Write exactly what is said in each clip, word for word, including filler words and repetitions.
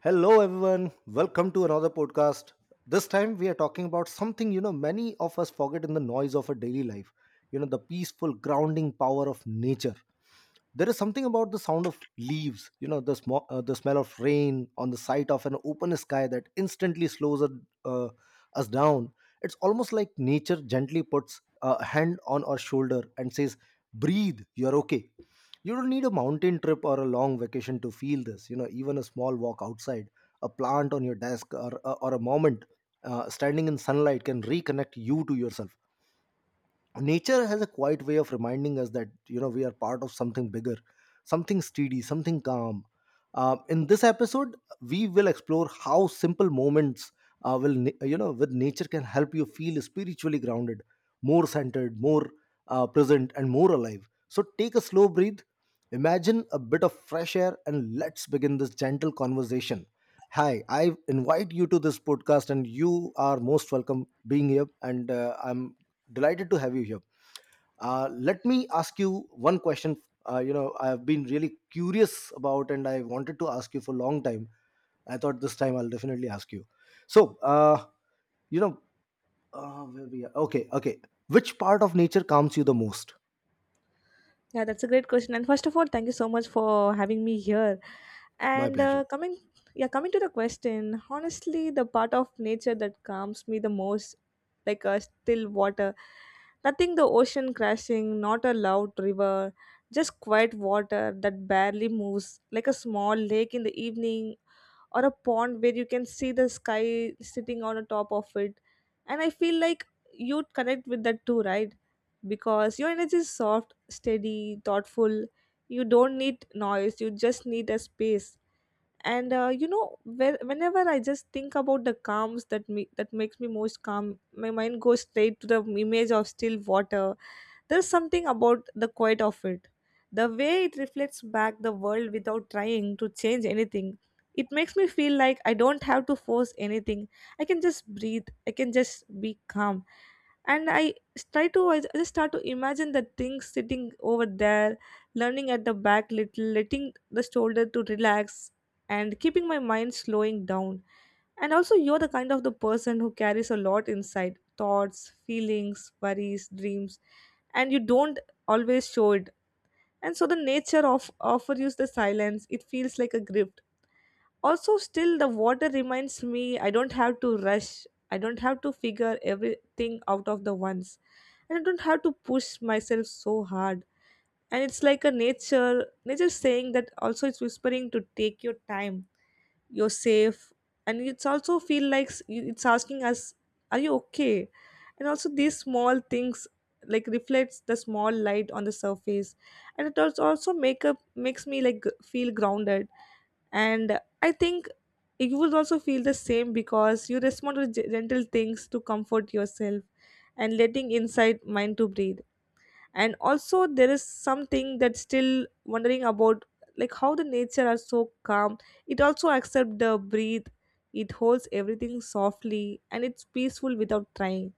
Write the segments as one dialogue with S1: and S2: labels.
S1: Hello, everyone. Welcome to another podcast. This time we are talking about something you know many of us forget in the noise of our daily life. You know, the peaceful grounding power of nature. There is something about the sound of leaves, you know the sm- uh, the smell of rain on the sight of an open sky that instantly slows us uh, us down. It's almost like nature gently puts a hand on our shoulder and says, breathe, you're okay. You don't need a mountain trip or a long vacation to feel this. You know even a small walk outside, a plant on your desk, or, uh, or a moment uh, standing in sunlight can reconnect you to yourself. Nature has a quiet way of reminding us that you know we are part of something bigger, something steady, something calm. Uh, in this episode, we will explore how simple moments uh, will na- you know with nature can help you feel spiritually grounded, more centered, more uh, present, and more alive. So take a slow breath, imagine a bit of fresh air, and let's begin this gentle conversation. Hi, I invite you to this podcast, and you are most welcome being here. And uh, I'm delighted to have you here. Uh, let me ask you one question. Uh, you know, I've been really curious about, and I wanted to ask you for a long time. I thought this time I'll definitely ask you. So, uh, you know, uh, where we are? Okay, okay. Which part of nature calms you the most?
S2: Yeah, that's a great question. And first of all, thank you so much for having me here.
S1: My
S2: And
S1: pleasure.
S2: uh, coming, yeah, coming to the question, honestly, the part of nature that calms me the most, like a still water, nothing the ocean crashing, not a loud river, just quiet water that barely moves, like a small lake in the evening, or a pond where you can see the sky sitting on the top of it. And I feel like you'd connect with that too, right? Because your energy is soft steady, thoughtful. You don't need noise, you just need a space. And uh, you know, whe- whenever I just think about the calms that me that makes me most calm, my mind goes straight to the image of still water. There's something about the quiet of it. The way it reflects back the world without trying to change anything. It makes me feel like I don't have to force anything. I can just breathe. I can just be calm. And I s- try to, I just start to imagine the things sitting over there, learning at the back little, letting the shoulder to relax, and keeping my mind slowing down. And also you're the kind of the person who carries a lot inside thoughts feelings worries dreams, and you don't always show it. And so the nature of offers you the silence, it feels like a gift. Also still the water reminds me I don't have to rush, I don't have to figure everything out of the once, and I don't have to push myself so hard. And it's like a nature nature saying that, also it's whispering to take your time, you're safe. And it's also feel like s- you- it's asking us, are you okay? And also these small things, like reflects the small light on the surface, and it als- also make up makes me like g- feel grounded. And I think you will also feel the same because you respond to gen- gentle things to comfort yourself, and letting inside mind to breathe. And also there is something that's still wondering about, like how the nature are so calm. It also accepts the breathe, it holds everything softly and it's peaceful without trying.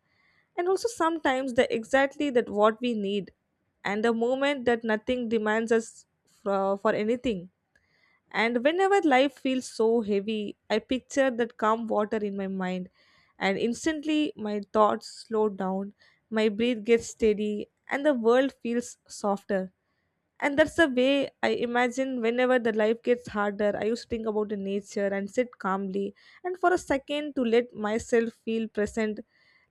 S2: And also sometimes the exactly that what we need, and the moment that nothing demands us for, for anything. And whenever life feels so heavy, I picture that calm water in my mind, and instantly my thoughts slow down, my breath gets steady, and the world feels softer. And that's the way I imagine whenever the life gets harder, I used to think about the nature and sit calmly and for a second to let myself feel present,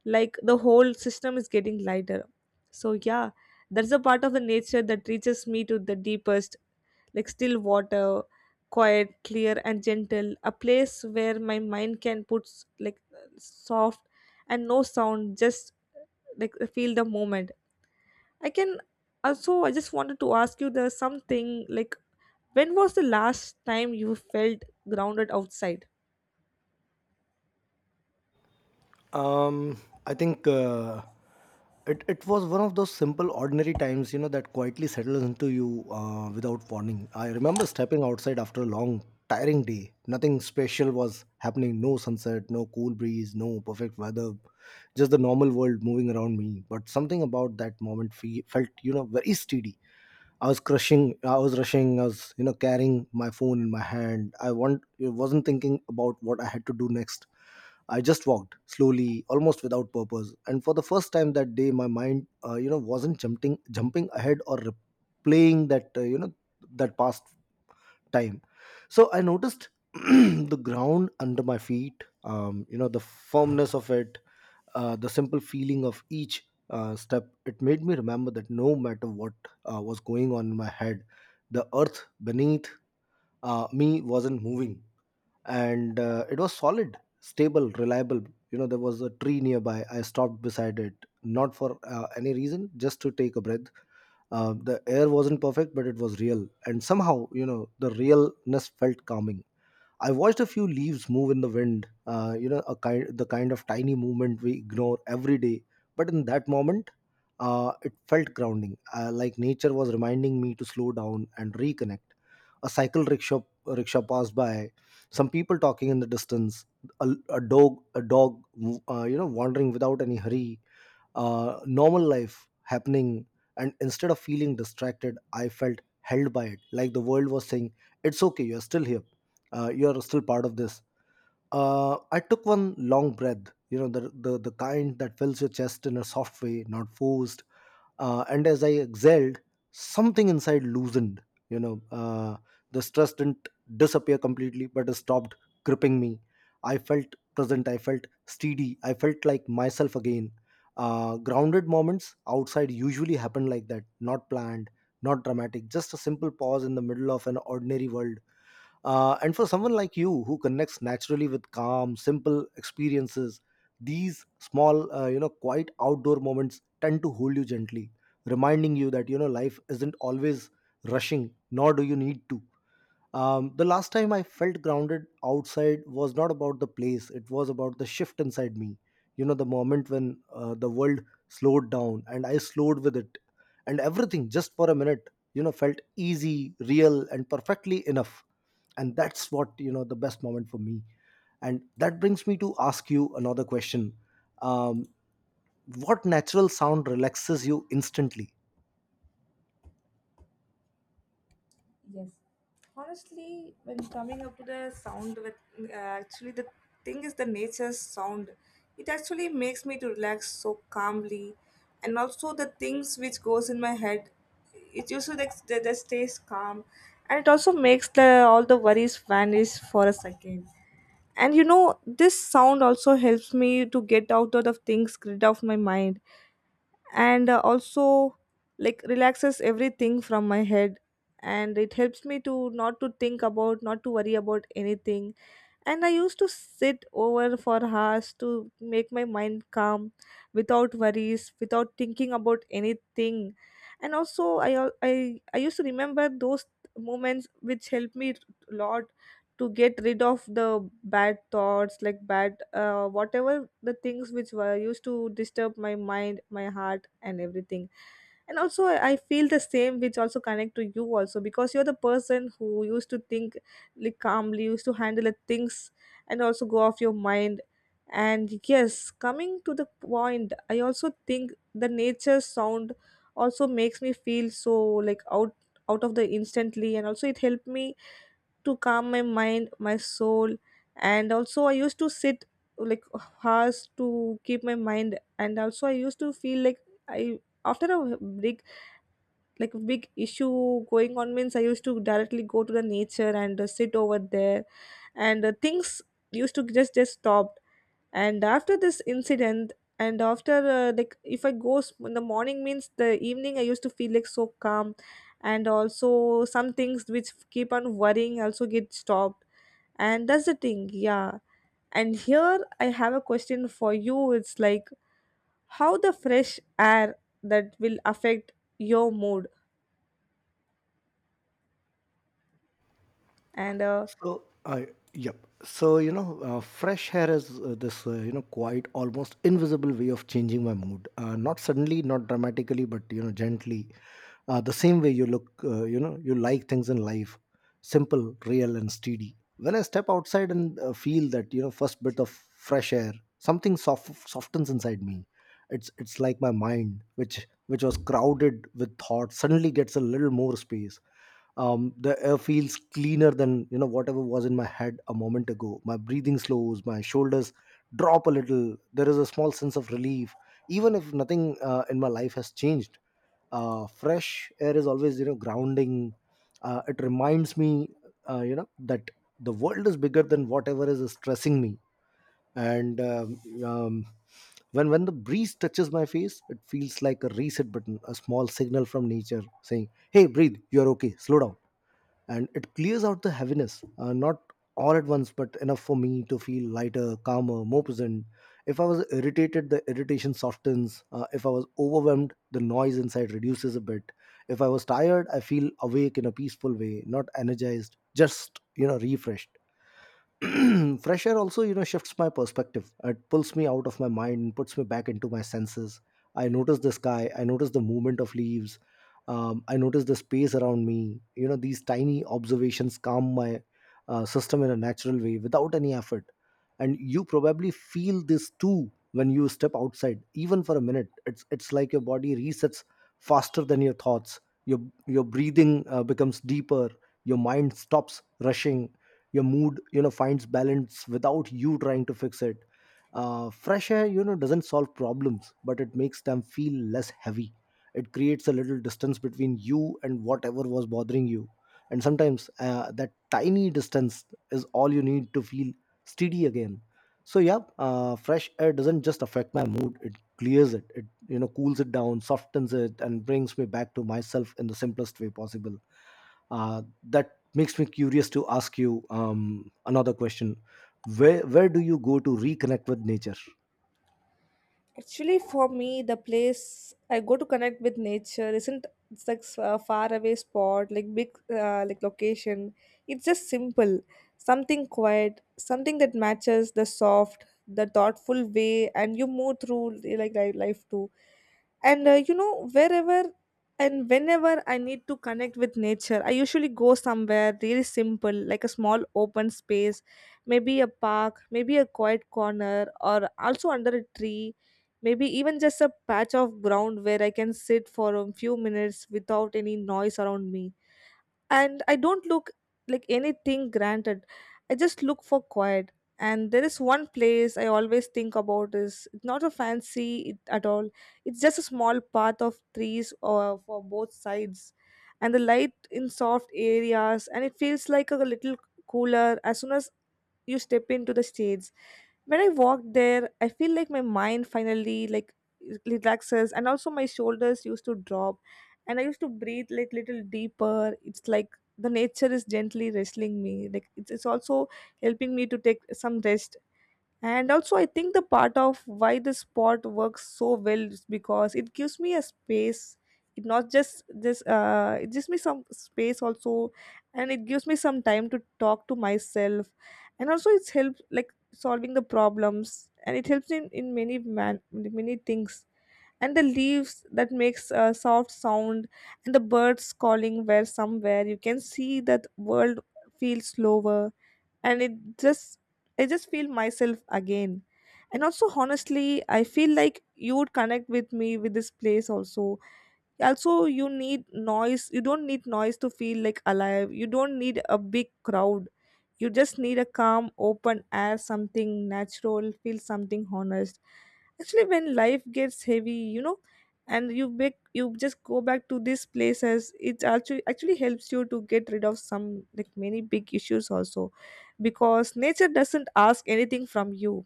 S2: like the whole system is getting lighter. So, yeah, that's a part of the nature that reaches me to the deepest, like still water, quiet clear and gentle, a place where my mind can put s- like soft and no sound, just like feel the moment. I can also I just wanted to ask you, there's something like, when was the last time you felt grounded outside?
S1: Um, I think uh, it it was one of those simple, ordinary times, you know, that quietly settles into you uh, without warning. I remember stepping outside after a long, tiring day. Nothing special was happening. No sunset, no cool breeze, no perfect weather. Just the normal world moving around me. But something about that moment fe- felt, you know, very steady. I was crushing. I was rushing. I was, you know, carrying my phone in my hand. I want. I wasn't thinking about what I had to do next. I just walked slowly, almost without purpose. And for the first time that day, my mind, uh, you know, wasn't jumping, jumping ahead or replaying that, uh, you know, that past time. So I noticed the ground under my feet, um, you know, the firmness of it, uh, the simple feeling of each uh, step. It made me remember that no matter what uh, was going on in my head, the earth beneath uh, me wasn't moving, and uh, it was solid, stable, reliable. You know there was a tree nearby. I stopped beside it, not for uh, any reason, just to take a breath. Uh, the air wasn't perfect, but it was real, and somehow you know the realness felt calming. I watched a few leaves move in the wind. Uh, you know, a kind the kind of tiny movement we ignore every day. But in that moment, uh, it felt grounding. Uh, like nature was reminding me to slow down and reconnect. A cycle rickshaw rickshaw passed by. Some people talking in the distance. A, a dog a dog uh, you know wandering without any hurry. Uh, normal life happening. And instead of feeling distracted, I felt held by it, like the world was saying, it's okay, you're still here. Uh, you're still part of this. Uh, I took one long breath, you know, the, the, the kind that fills your chest in a soft way, not forced. Uh, and as I exhaled, something inside loosened, you know. Uh, the stress didn't disappear completely, but it stopped gripping me. I felt present, I felt steady, I felt like myself again. Uh, grounded moments outside usually happen like that, not planned, not dramatic, just a simple pause in the middle of an ordinary world. Uh, and for someone like you who connects naturally with calm, simple experiences, these small, uh, you know, quiet outdoor moments tend to hold you gently, reminding you that, you know, life isn't always rushing, nor do you need to. Um, the last time I felt grounded outside was not about the place, it was about the shift inside me. You know, the moment when uh, the world slowed down and I slowed with it, and everything just for a minute, you know, felt easy, real, and perfectly enough. And that's what you know the best moment for me. And that brings me to ask you another question. Um, what natural sound relaxes you instantly?
S2: Yes. Honestly, when coming up to the sound, with uh, actually the thing is the nature's sound. It actually makes me to relax so calmly, and also the things which goes in my head, it usually like, they just stays calm, and it also makes the all the worries vanish for a second. And you know, this sound also helps me to get out of the things grid of my mind. And uh, also like relaxes everything from my head, and it helps me to not to think about, not to worry about anything. And I used to sit over for hours to make my mind calm, without worries, without thinking about anything. And also i al- i, I used to remember those moments which helped me a lot to get rid of the bad thoughts, like bad uh, whatever the things which were used to disturb my mind my heart and everything. And also I, I feel the same, which also connect to you also, because you're the person who used to think like calmly, used to handle the things and also go off your mind. And yes, coming to the point, I also think the nature sound also makes me feel so like out, out of the instantly, and also it helped me to calm my mind my soul. And also I used to sit like hours to keep my mind, and also I used to feel like I, after a big, like big issue going on means, I used to directly go to the nature and uh, sit over there, and uh, things used to just just stopped. And after this incident, and after uh, like if I go s- in the morning means, the evening I used to feel like so calm. And also some things which keep on worrying also get stopped. And that's the thing, yeah. And here I have a question for you. It's like, how the fresh air that will affect your mood? And uh,
S1: So, I yep. So, you know, uh, fresh hair is uh, this uh, you know quiet, almost invisible way of changing my mood. Uh, not suddenly, not dramatically, but you know, gently. Uh, the same way you look, uh, you know, you like things in life, simple, real, and steady. When I step outside and uh, feel that you know first bit of fresh air, something soft softens inside me. It's it's like my mind, which which was crowded with thoughts, suddenly gets a little more space. Um, the air feels cleaner than you know whatever was in my head a moment ago. My breathing slows, my shoulders drop a little. There is a small sense of relief, even if nothing uh, in my life has changed. Uh, fresh air is always you know grounding. Uh, it reminds me uh, you know that the world is bigger than whatever is stressing me. And um, um, when when the breeze touches my face, it feels like a reset button, a small signal from nature saying, hey, breathe, you're okay, slow down. And it clears out the heaviness, uh, not all at once, but enough for me to feel lighter, calmer, more present. If I was irritated, the irritation softens. Uh, if I was overwhelmed, the noise inside reduces a bit. If I was tired, I feel awake in a peaceful way, not energized, just you know refreshed. Fresh air also you know shifts my perspective. It pulls me out of my mind, puts me back into my senses. I notice the sky, I notice the movement of leaves. Um, i notice the space around me. You know these tiny observations calm my uh, system in a natural way, without any effort. And you probably feel this too. When you step outside even for a minute, it's it's like your body resets faster than your thoughts. Your your breathing uh, becomes deeper. Your mind stops rushing. Your mood you know finds balance without you trying to fix it. Uh, fresh air you know doesn't solve problems, but it makes them feel less heavy. It creates a little distance between you and whatever was bothering you. And sometimes uh, that tiny distance is all you need to feel steady again. So yeah, uh, fresh air doesn't just affect my mood. It clears it it you know cools it down, softens it, and brings me back to myself in the simplest way possible. Uh, that makes me curious to ask you um, another question. Where where do you go to reconnect with nature?
S2: actually, for me, the place I go to connect with nature isn't, it's like s- a far away spot, like big uh, like location. It's just simple, something quiet, something that matches the soft, the thoughtful way, and you move through li- like li- life too. And uh, you know, wherever and whenever I need to connect with nature, I usually go somewhere really simple, like a small open space, maybe a park, maybe a quiet corner, or also under a tree, maybe even just a patch of ground where I can sit for a few minutes without any noise around me. And I don't look like anything granted. I just look for quiet. And there is one place I always think about is not a fancy it- at all. It's just a small path of trees or for both sides, and the light in soft areas, and it feels like a little cooler as soon as you step into the shades. When I walk there, I feel like my mind finally like relaxes, and also my shoulders used to drop, and I used to breathe like little deeper. It's like the nature is gently wrestling me, like it's, it's also helping me to take some rest. And also I think the part of why this spot works so well is because it gives me a space. It not just this uh, it gives me some space also, and it gives me some time to talk to myself. And also it's helped like solving the problems, and it helps in in many man many things. And the leaves that makes a soft sound, and the birds calling where somewhere, you can see that world feels slower. And it just I just feel myself again. And also honestly, I feel like you would connect with me with this place also. Also you need noise, you don't need noise to feel like alive, you don't need a big crowd. You just need a calm open air, something natural feel, something honest. Actually, when life gets heavy, you know, and you make you just go back to these places, it actually actually helps you to get rid of some, like many big issues also, because nature doesn't ask anything from you,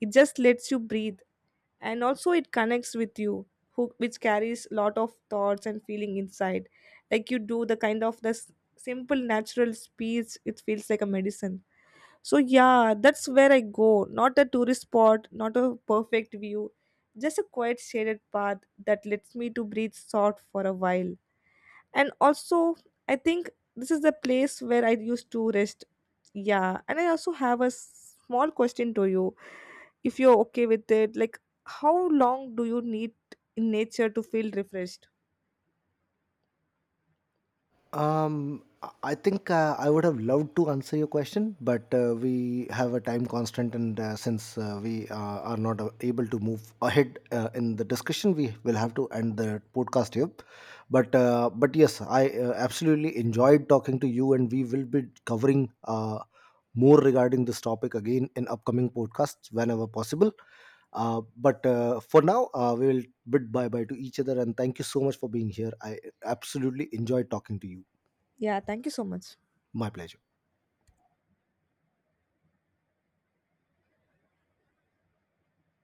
S2: it just lets you breathe. And also it connects with you, who which carries lot of thoughts and feeling inside, like you do. The kind of this simple natural speech, it feels like a medicine. So yeah, that's where I go, not a tourist spot, not a perfect view, just a quiet shaded path that lets me to breathe soft for a while. And also I think this is the place where I used to rest. Yeah. And I also have a small question to you, if you're okay with it, like, how long do you need in nature to feel refreshed?
S1: Um i I think uh, i would have loved to answer your question, but uh, we have a time constant. And uh, since uh, we uh, are not uh, able to move ahead uh, in the discussion, we will have to end the podcast here. But uh, but yes, I uh, absolutely enjoyed talking to you, and we will be covering uh, more regarding this topic again in upcoming podcasts whenever possible. Uh, but uh, for now, uh, we will bid bye bye to each other. And thank you so much for being here. I absolutely enjoyed talking to you.
S2: Yeah, thank you so much.
S1: My pleasure.